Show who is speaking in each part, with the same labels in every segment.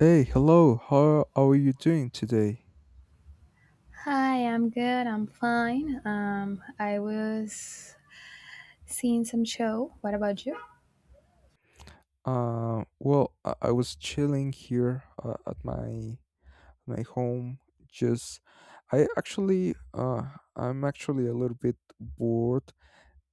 Speaker 1: Hey, hello. How are you doing today?
Speaker 2: Hi, I'm good. I'm fine. I was seeing some show. What about you?
Speaker 1: I was chilling here at my home. Just, I actually, uh, I'm actually a little bit bored,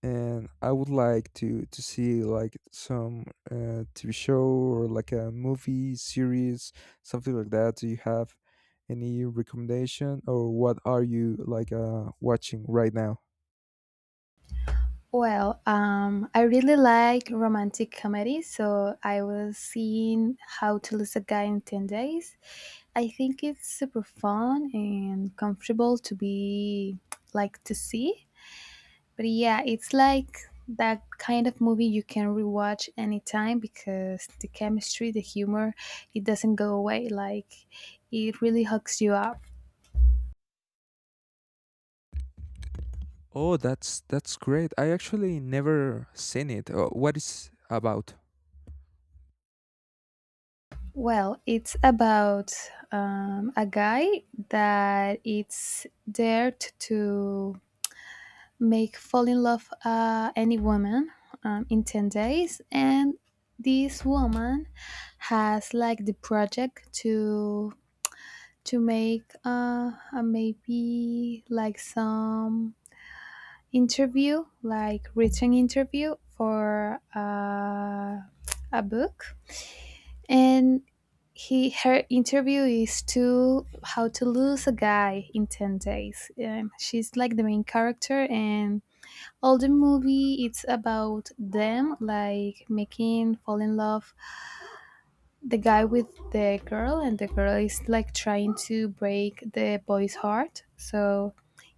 Speaker 1: and I would like to see like some TV show or like a movie series, something like that. Do you have any recommendation, or what are you like watching right now?
Speaker 2: Well, I really like romantic comedy, so I was seeing How to Lose a Guy in 10 Days. I think it's super fun and comfortable to be like to see. But yeah, it's like that kind of movie you can rewatch anytime because the chemistry, the humor, it doesn't go away. Like it really hooks you up.
Speaker 1: Oh, that's great. I actually never seen it. What is about?
Speaker 2: Well, it's about a guy that it's dared to make fall in love any woman in 10 days, and this woman has like the project to make maybe like some interview, like written interview for a book, and he her interview is to how to lose a guy in 10 days. She's like the main character, and all the movie it's about them like making fall in love the guy with the girl, and the girl is like trying to break the boy's heart. So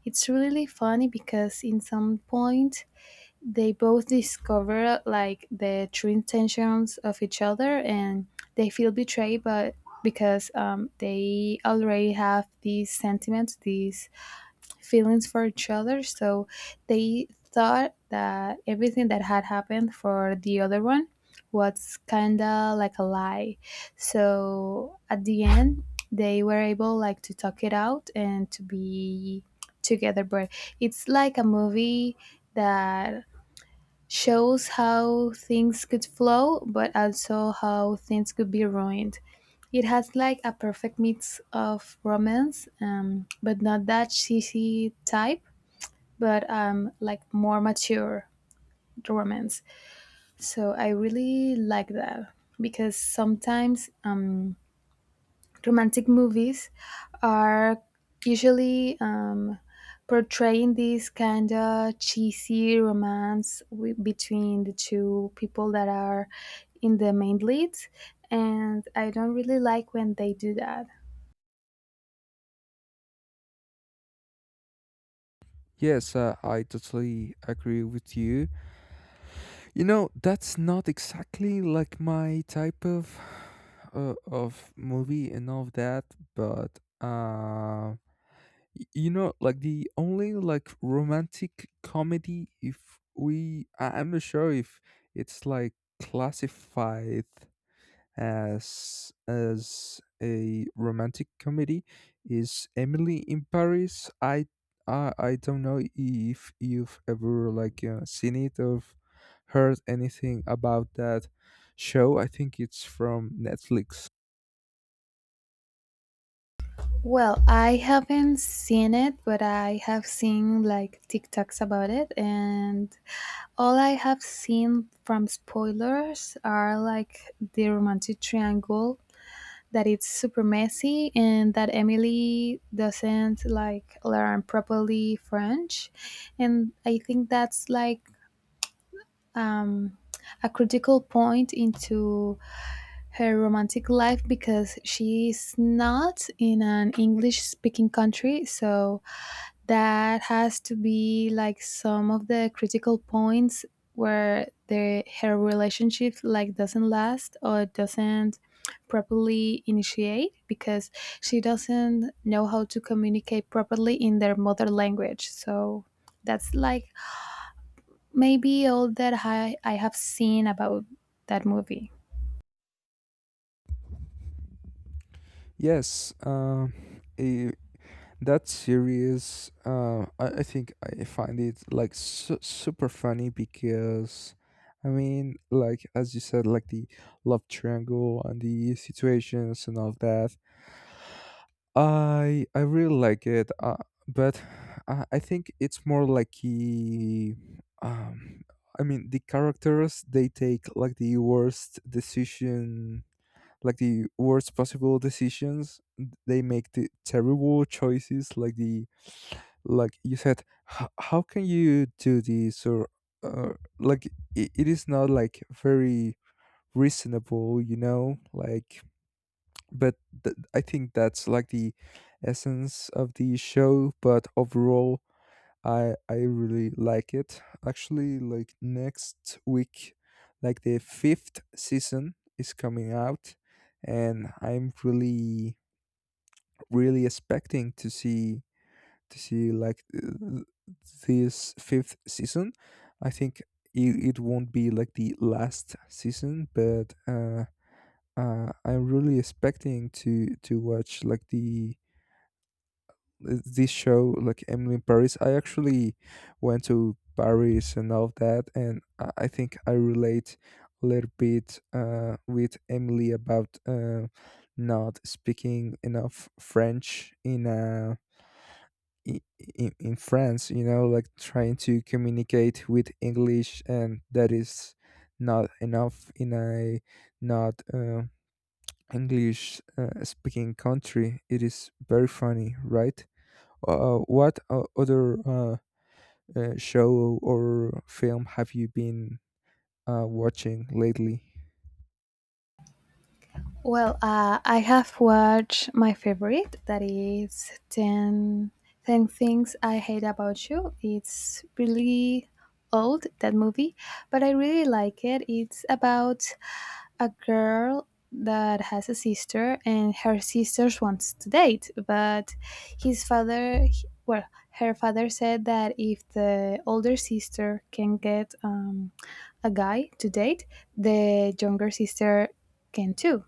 Speaker 2: it's really funny because in some point they both discover like the true intentions of each other, and they feel betrayed but because they already have these sentiments, these feelings for each other. So they thought that everything that had happened for the other one was kind of like a lie. So at the end, they were able like to talk it out and to be together. But it's like a movie that shows how things could flow but also how things could be ruined. It has like a perfect mix of romance, but not that cheesy type but like more mature romance. So I really like that because sometimes romantic movies are usually portraying this kind of cheesy romance between the two people that are in the main leads, and I don't really like when they do that.
Speaker 1: Yes, I totally agree with you. You know, that's not exactly like my type of movie and all of that, but you know, like the only like romantic comedy if I'm not sure if it's like classified as a romantic comedy is Emily in Paris. I don't know if you've ever like seen it or heard anything about that show. I think it's from Netflix.
Speaker 2: Well, I haven't seen it, but I have seen like TikToks about it, and all I have seen from spoilers are like the romantic triangle that it's super messy and that Emily doesn't like learn properly French. And I think that's like um, a critical point into her romantic life because she's not in an English speaking country. So that has to be like some of the critical points where the her relationship like doesn't last or doesn't properly initiate because she doesn't know how to communicate properly in their mother language. So that's like maybe all that I have seen about that movie.
Speaker 1: Yes, um, that series I think I find it like super funny because I mean like as you said like the love triangle and the situations and all of that I really like it but I think it's more like the um I mean the characters they take like the worst decision, like the worst possible decisions, they make the terrible choices, like, the like you said, how can you do this, or uh, like it is not like very reasonable, you know, like, but I think that's like the essence of the show. But overall, I really like it. Actually, like next week like the fifth season is coming out, and I'm really really expecting to see, to see like uh, this fifth season. I think it, it won't be like the last season, but I'm really expecting to watch like the this show, like Emily in Paris. I actually went to Paris and all of that, and I think I relate a little bit with Emily about not speaking enough French in a i- in France, you know, like trying to communicate with English, and that is not enough in a not English speaking country. It is very funny, right? What other show or film have you been watching lately?
Speaker 2: Well, I have watched my favorite, that is ten Things I Hate About You. It's really old, that movie, but I really like it. It's about a girl that has a sister, and her sister wants to date, but his father, well, her father said that if the older sister can get a guy to date, the younger sister can too.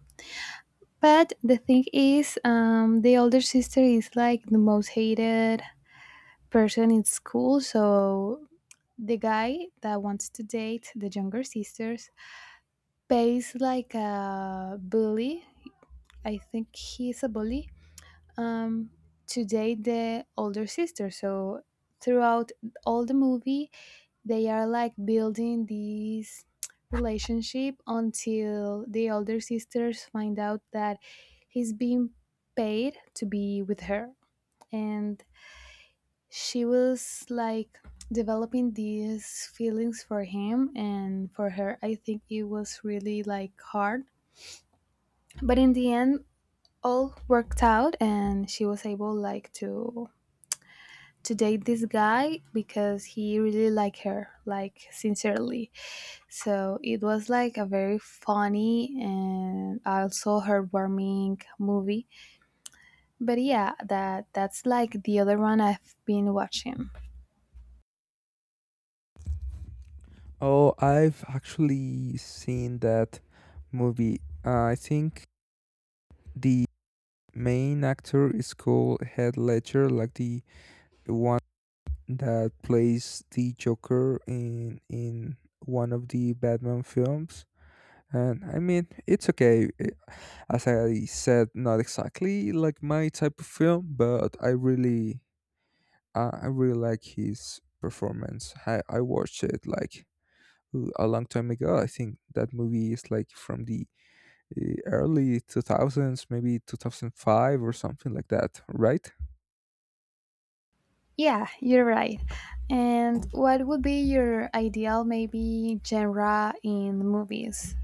Speaker 2: But the thing is, the older sister is like the most hated person in school. So the guy that wants to date the younger sisters pays like a bully. I think he's a bully, um, to date the older sister. So throughout all the movie, they are like building this relationship until the older sisters find out that he's being paid to be with her. And she was like developing these feelings for him and for her. I think it was really like hard. But in the end, all worked out and she was able like to date this guy because he really liked her like sincerely. So it was like a very funny and also heartwarming movie. But yeah, that's like the other one I've been watching.
Speaker 1: Oh, I've actually seen that movie. I think the main actor is called Head Ledger, like the one that plays the Joker in one of the Batman films. And I mean, it's okay. As I said, not exactly like my type of film, but I really like his performance. I watched it like ooh, a long time ago. I think that movie is like from the early 2000s, maybe 2005 or something like that, right?
Speaker 2: Yeah, you're right. And what would be your ideal maybe genre in movies?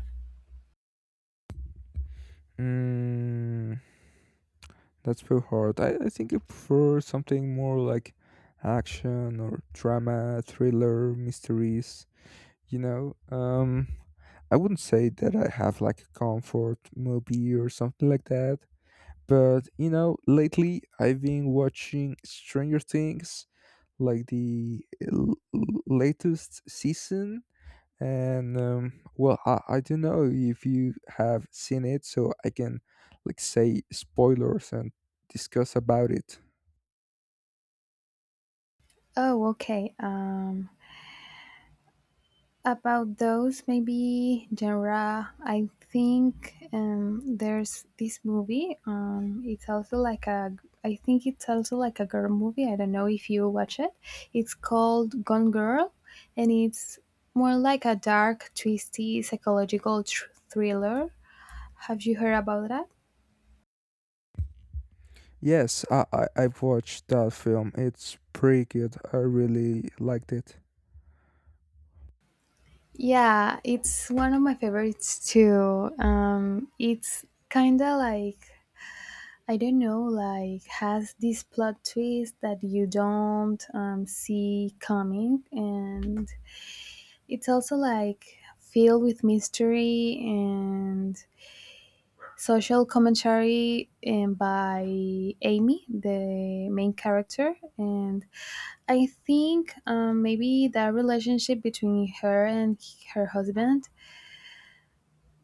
Speaker 1: Mm, that's very hard. I think I prefer something more like action or drama, thriller, mysteries. You know, I wouldn't say that I have like a comfort movie or something like that. But you know, lately I've been watching Stranger Things, like the latest season. And well, I don't know if you have seen it, so I can like say spoilers and discuss about it.
Speaker 2: Oh, okay. About those maybe genre, I think there's this movie, it's also like a I think it's also like a girl movie. I don't know if you watch it. It's called Gone Girl. And it's more like a dark twisty psychological thriller. Have you heard about that?
Speaker 1: Yes, I I've watched that film. It's pretty good. I really liked it.
Speaker 2: Yeah, it's one of my favorites too. It's kind of like, I don't know, like has this plot twist that you don't see coming, and it's also like filled with mystery and social commentary and by Amy, the main character, and I think maybe that relationship between her and her husband.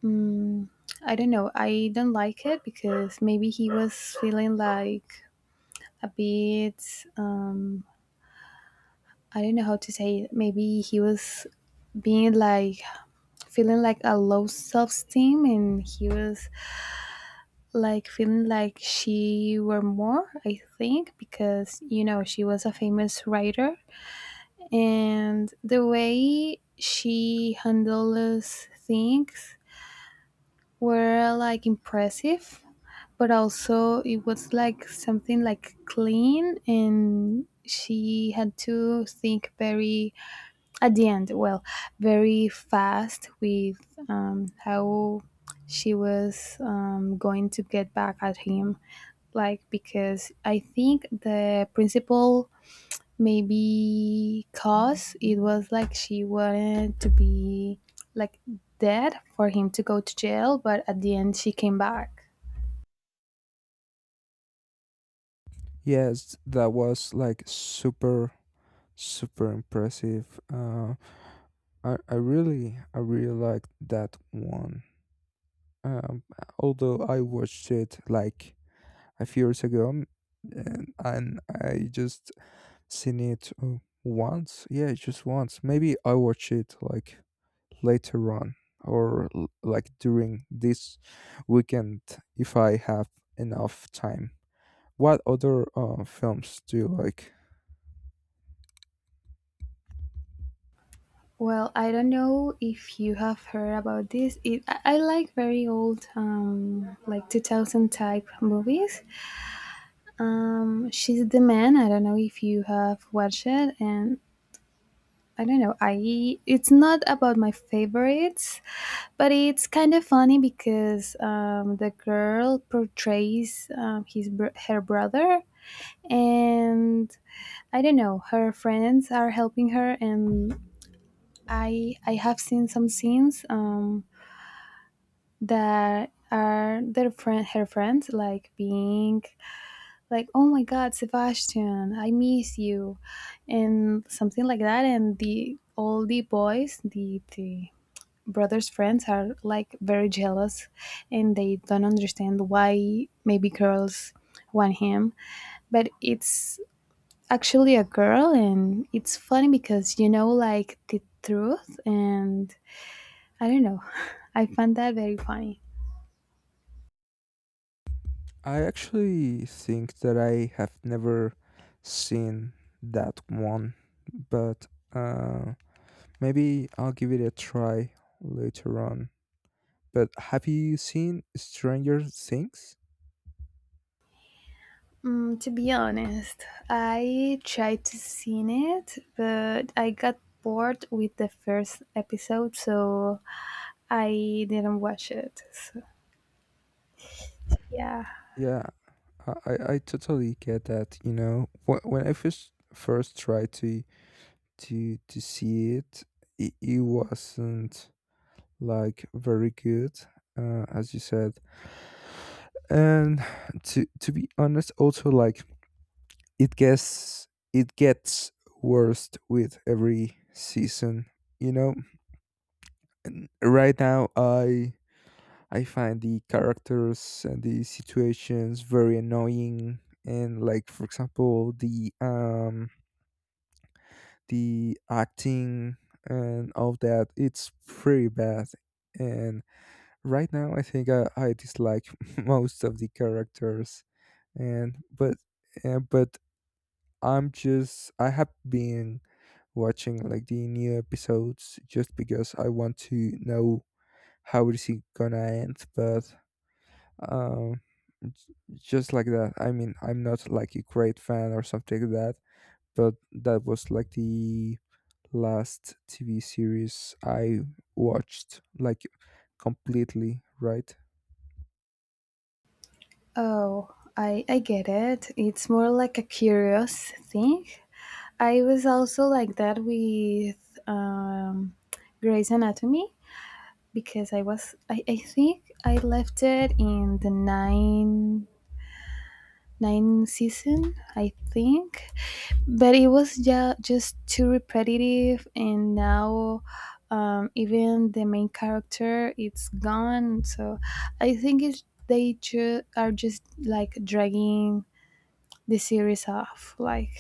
Speaker 2: Um, I don't know. I don't like it because maybe he was feeling like a bit I don't know how to say it. Maybe he was being like feeling like a low self-esteem, and he was like feeling like she were more. I think because you know she was a famous writer, and the way she handles things were like impressive. But also it was like something like clean, and she had to think very at the end, well, very fast with how she was going to get back at him. Like, because I think the principal maybe cause it was like she wanted to be like dead for him to go to jail, but at the end she came back.
Speaker 1: Yes, that was like super super impressive. I really I really liked that one. Um, although I watched it like a few years ago, and I just seen it once? Yeah, just once. Maybe I watch it like later on or like during this weekend if I have enough time. What other films do you like?
Speaker 2: Well, I don't know if you have heard about this. It, I like very old, like 2000 type movies. She's the Man. I don't know if you have watched it, and I don't know. I it's not about my favorites, but it's kind of funny because the girl portrays her brother, and I don't know. Her friends are helping her, and I have seen some scenes that are their friend her friends like being like, oh my god, Sebastian, I miss you, and something like that. And the all the boys, the brother's friends, are like very jealous, and they don't understand why maybe girls want him, but it's actually a girl. And it's funny because you know like the truth, and I don't know. I find that very funny.
Speaker 1: I actually think that I have never seen that one, but uh, maybe I'll give it a try later on. But have you seen Stranger Things?
Speaker 2: Mm, to be honest, I tried to see it, but I got bored with the first episode, so I didn't watch it. So, yeah.
Speaker 1: Yeah, I totally get that. You know, when I first tried to to see it, it, it wasn't like very good, as you said. And to be honest, also like it gets it gets worse with every season. You know, and right now I find the characters and the situations very annoying. And like for example, the acting and all that, it's pretty bad. And right now, I think I dislike most of the characters. And but I'm just I have been watching like the new episodes just because I want to know how is it gonna end. But um, just like that. I mean, I'm not like a great fan or something like that, but that was like the last TV series I watched, like completely, right?
Speaker 2: Oh, I get it. It's more like a curious thing. I was also like that with um, Grey's Anatomy because I think I left it in the nine season, I think. But it was, yeah, just too repetitive, and now even the main character it's gone. So I think it's, they are just like dragging the series off, like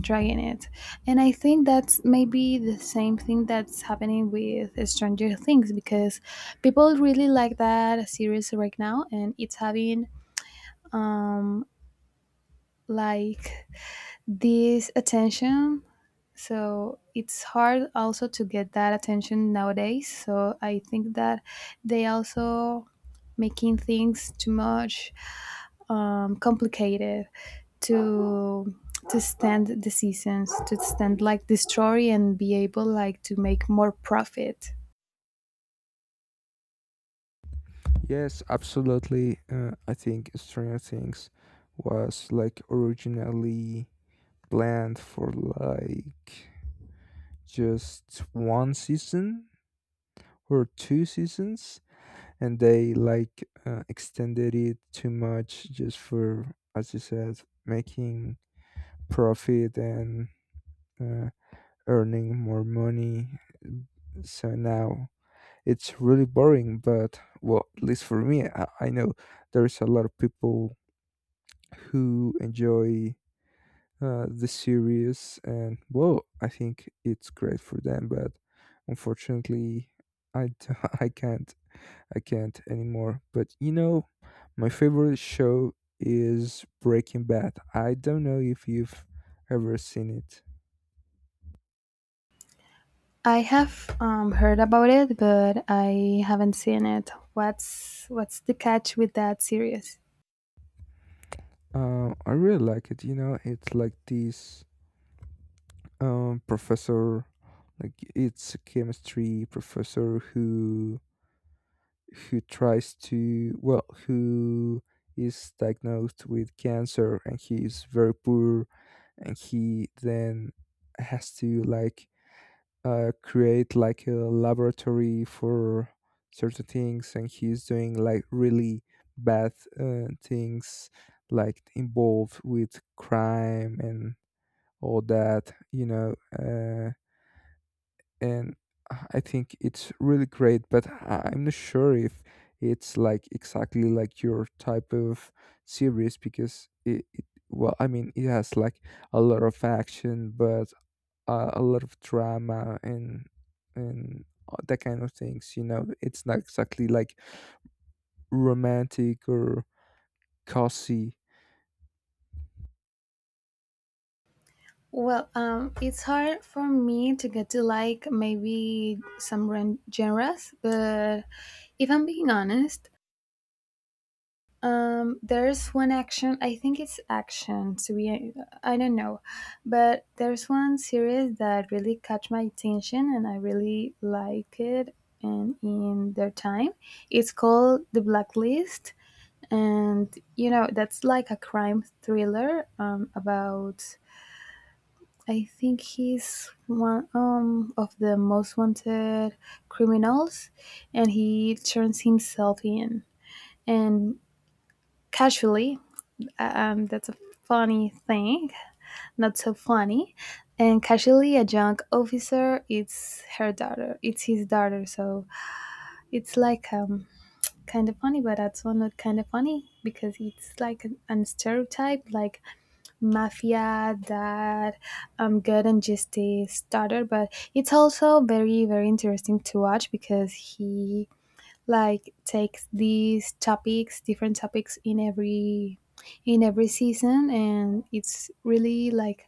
Speaker 2: dragging it. And I think that's maybe the same thing that's happening with Stranger Things because people really like that series right now, and it's having um like this attention. So it's hard also to get that attention nowadays. So I think that they also making things too much complicated to to stand the seasons, to stand like the story, and be able like to make more profit.
Speaker 1: Yes, absolutely. I think Stranger Things was like originally planned for like just one season or two seasons, and they like extended it too much just for, as you said, making profit and uh, earning more money. So now it's really boring, but well, at least for me I know there's a lot of people who enjoy the series, and well I think it's great for them, but unfortunately i d- I can't I can't anymore. But you know, my favorite show is Breaking Bad. I don't know if you've ever seen it.
Speaker 2: I have heard about it, but I haven't seen it. What's the catch with that series?
Speaker 1: I really like it. You know, it's like this professor, like it's a chemistry professor who tries to, well, who is diagnosed with cancer and he is very poor, and he then has to like create like a laboratory for certain things, and he's doing like really bad things, like involved with crime and all that, you know. And I think it's really great, but I'm not sure if it's like exactly like your type of series because it, well I mean it has like a lot of action, but a lot of drama, and that kind of things. You know, it's not exactly like romantic or cozy.
Speaker 2: Well, it's hard for me to get to like maybe some genres, but if I'm being honest, there's one action. I think it's action. To be, I don't know, but there's one series that really caught my attention, and I really like it. And in their time, it's called The Blacklist, and you know that's like a crime thriller about I think he's one of the most wanted criminals, and he turns himself in. And casually, that's a funny thing, not so funny. And casually, a young officer, it's her daughter, it's his daughter. So it's like kind of funny, but that's also not kind of funny because it's like an stereotype, like mafia that good and just a starter. But it's also very very interesting to watch because he like takes these topics, different topics, in every season, and it's really like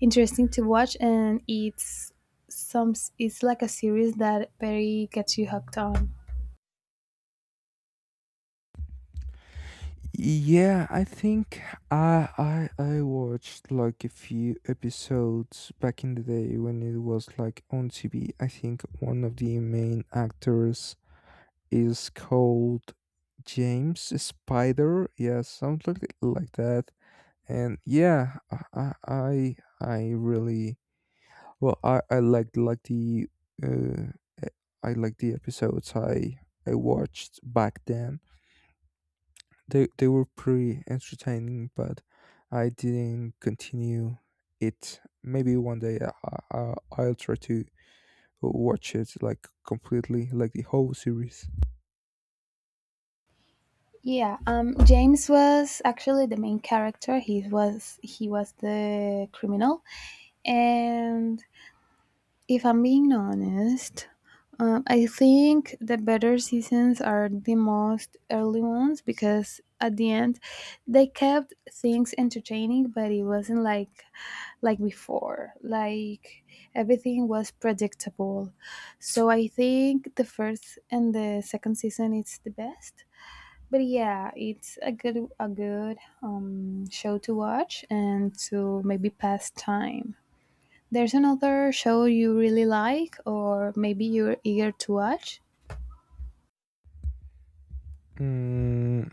Speaker 2: interesting to watch. And it's some it's like a series that very gets you hooked on.
Speaker 1: Yeah, I think I watched like a few episodes back in the day when it was like on TV. I think one of the main actors is called James Spider. Yeah, something like that. And yeah, I I I really well, I liked like the uh, e- I like the episodes I watched back then. They were pretty entertaining, but I didn't continue it. Maybe one day, I'll try to watch it like completely, like the whole series.
Speaker 2: Yeah, James was actually the main character. He was he was the criminal. And if I'm being honest, I think the better seasons are the most early ones because at the end they kept things entertaining, but it wasn't like before. Like everything was predictable. So I think the first and the second season it's the best. But yeah, it's a good show to watch and to maybe pass time. There's another show you really like, or maybe you're eager to watch?
Speaker 1: Mm,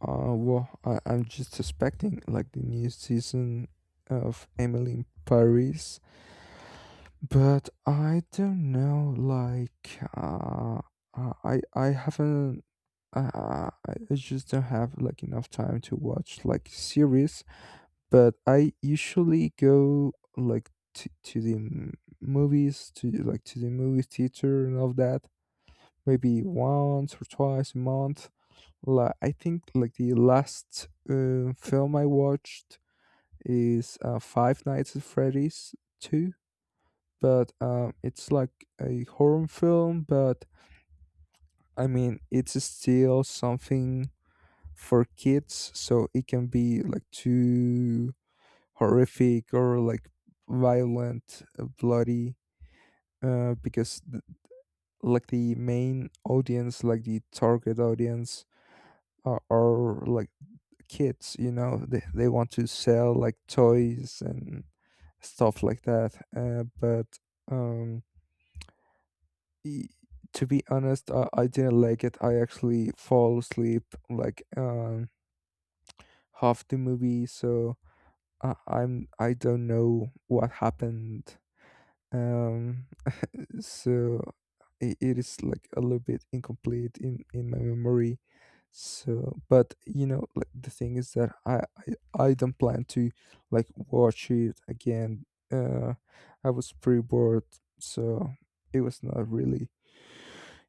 Speaker 1: I'm just expecting like the new season of Emily in Paris. But I don't know, like, I haven't, uh, I just don't have like enough time to watch like series. But I usually go like to the movies, to like to the movie theater and all that. Maybe once or twice a month. Like I think like the last film I watched is Five Nights at Freddy's two, but it's like a horror film. But I mean, it's still something for kids, so it can be like too horrific or like violent, bloody, because like the main audience, like the target audience, are like kids, you know, they want to sell like toys and stuff like that, but um y- to be honest, I didn't like it. I actually fall asleep like half the movie, so I don't know what happened. Um, so it is like a little bit incomplete in my memory. So, but you know, like the thing is that I don't plan to like watch it again. Uh, I was pretty bored, so it was not really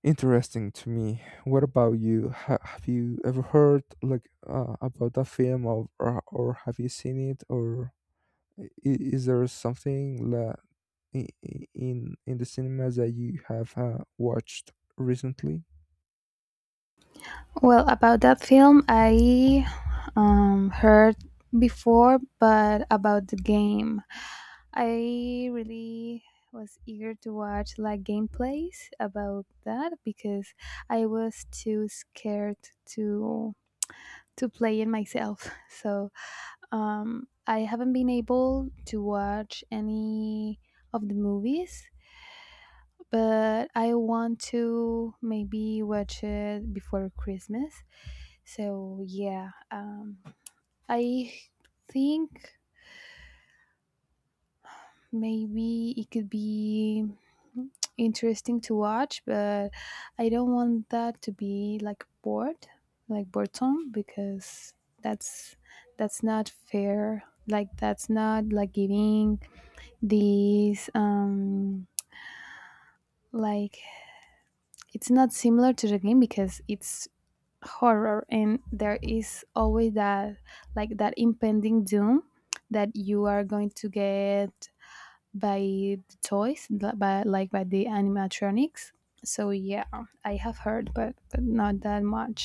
Speaker 1: interesting to me. What about you? Have you ever heard like about that film, or have you seen it, or is there something in the cinemas that you have watched recently?
Speaker 2: Well, about that film, I heard before, but about the game, I really was eager to watch like gameplays about that because I was too scared to to play it myself. So I haven't been able to watch any of the movies, but I want to maybe watch it before Christmas. So yeah, I think maybe it could be interesting to watch, but I don't want that to be like bored, like boredom, because that's that's not fair. Like that's not like giving these like it's not similar to the game because it's horror, and there is always that like that impending doom that you are going to get by the toys by like by the animatronics. So yeah, I have heard, but not that much.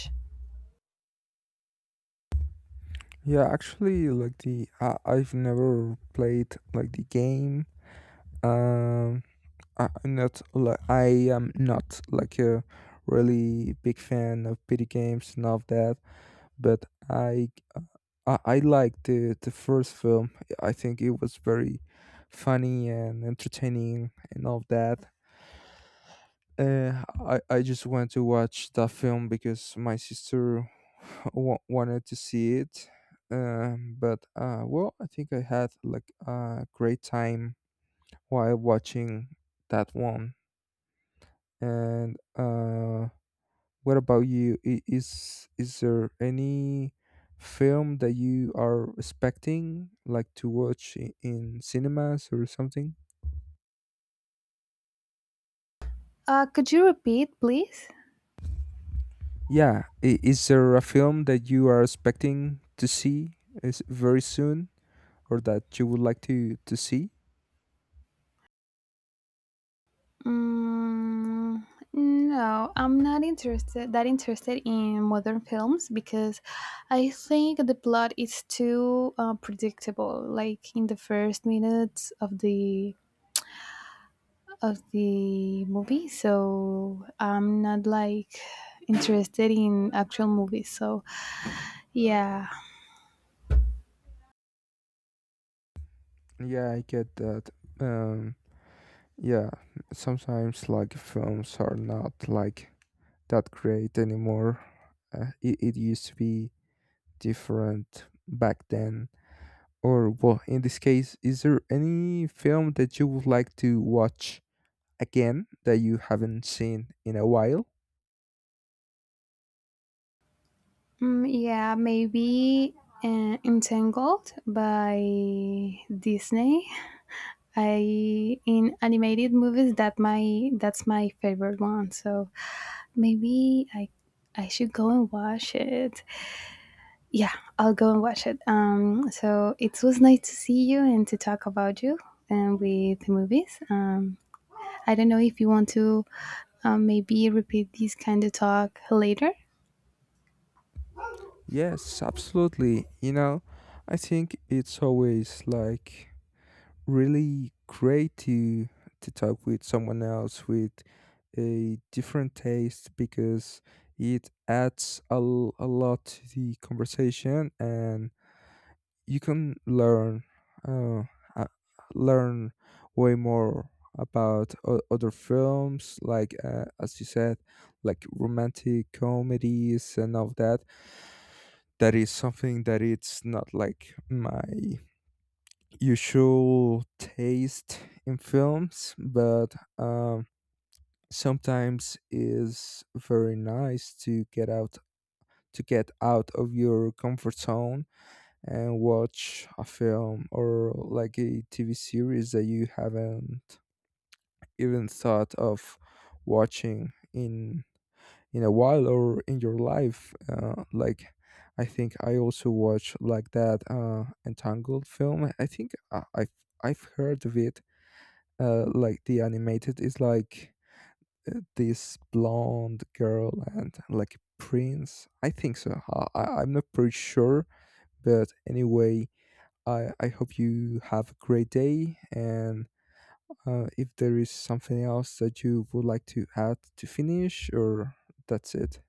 Speaker 1: Yeah, actually, like the I've never played like the game. Um, I am not like a really big fan of video games and of that. But I uh, I liked the first film. I think it was very funny and entertaining and all that. I just went to watch that film because my sister wanted to see it. But well, I think I had like a great time while watching that one. And what about you? Is there any film that you are expecting like to watch in cinemas or something?
Speaker 2: Could you repeat, please?
Speaker 1: Yeah, is there a film that you are expecting to see is very soon or that you would like to see?
Speaker 2: Mm, no, I'm not interested that interested in modern films because I think the plot is too predictable like in the first minutes of the movie. So I'm not like interested in actual movies, so yeah.
Speaker 1: Yeah, I get that. Um, yeah, sometimes like films are not like that great anymore. It, it used to be different back then. Or, well, in this case, is there any film that you would like to watch again that you haven't seen in a while?
Speaker 2: Mm, yeah, maybe Entangled by Disney. I in animated movies that my that's my favorite one. So maybe I should go and watch it. Yeah, I'll go and watch it. So it was nice to see you and to talk about you and with the movies. I don't know if you want to maybe repeat this kind of talk later.
Speaker 1: Yes, absolutely. You know, I think it's always like really great to talk with someone else with a different taste because it adds a lot to the conversation, and you can learn uh, uh, learn way more about other films, like as you said, like romantic comedies and all that. That is something that it's not like my usual taste in films, but um, sometimes is very nice to get out of your comfort zone and watch a film or like a TV series that you haven't even thought of watching in a while or in your life. Like I think I also watch like that Entangled film. I think I've heard of it like the animated is like this blonde girl and like a prince I think. So I'm not pretty sure, but anyway, I hope you have a great day, and if there is something else that you would like to add, to finish, or that's it.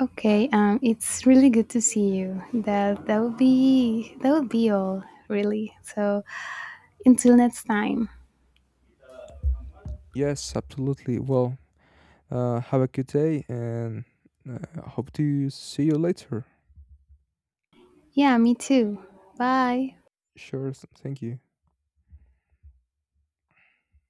Speaker 2: Okay, it's really good to see you. That would be that would be all, really. So until next time.
Speaker 1: Yes, absolutely. Well, have a good day, and hope to see you later.
Speaker 2: Yeah, me too. Bye.
Speaker 1: Sure, thank you.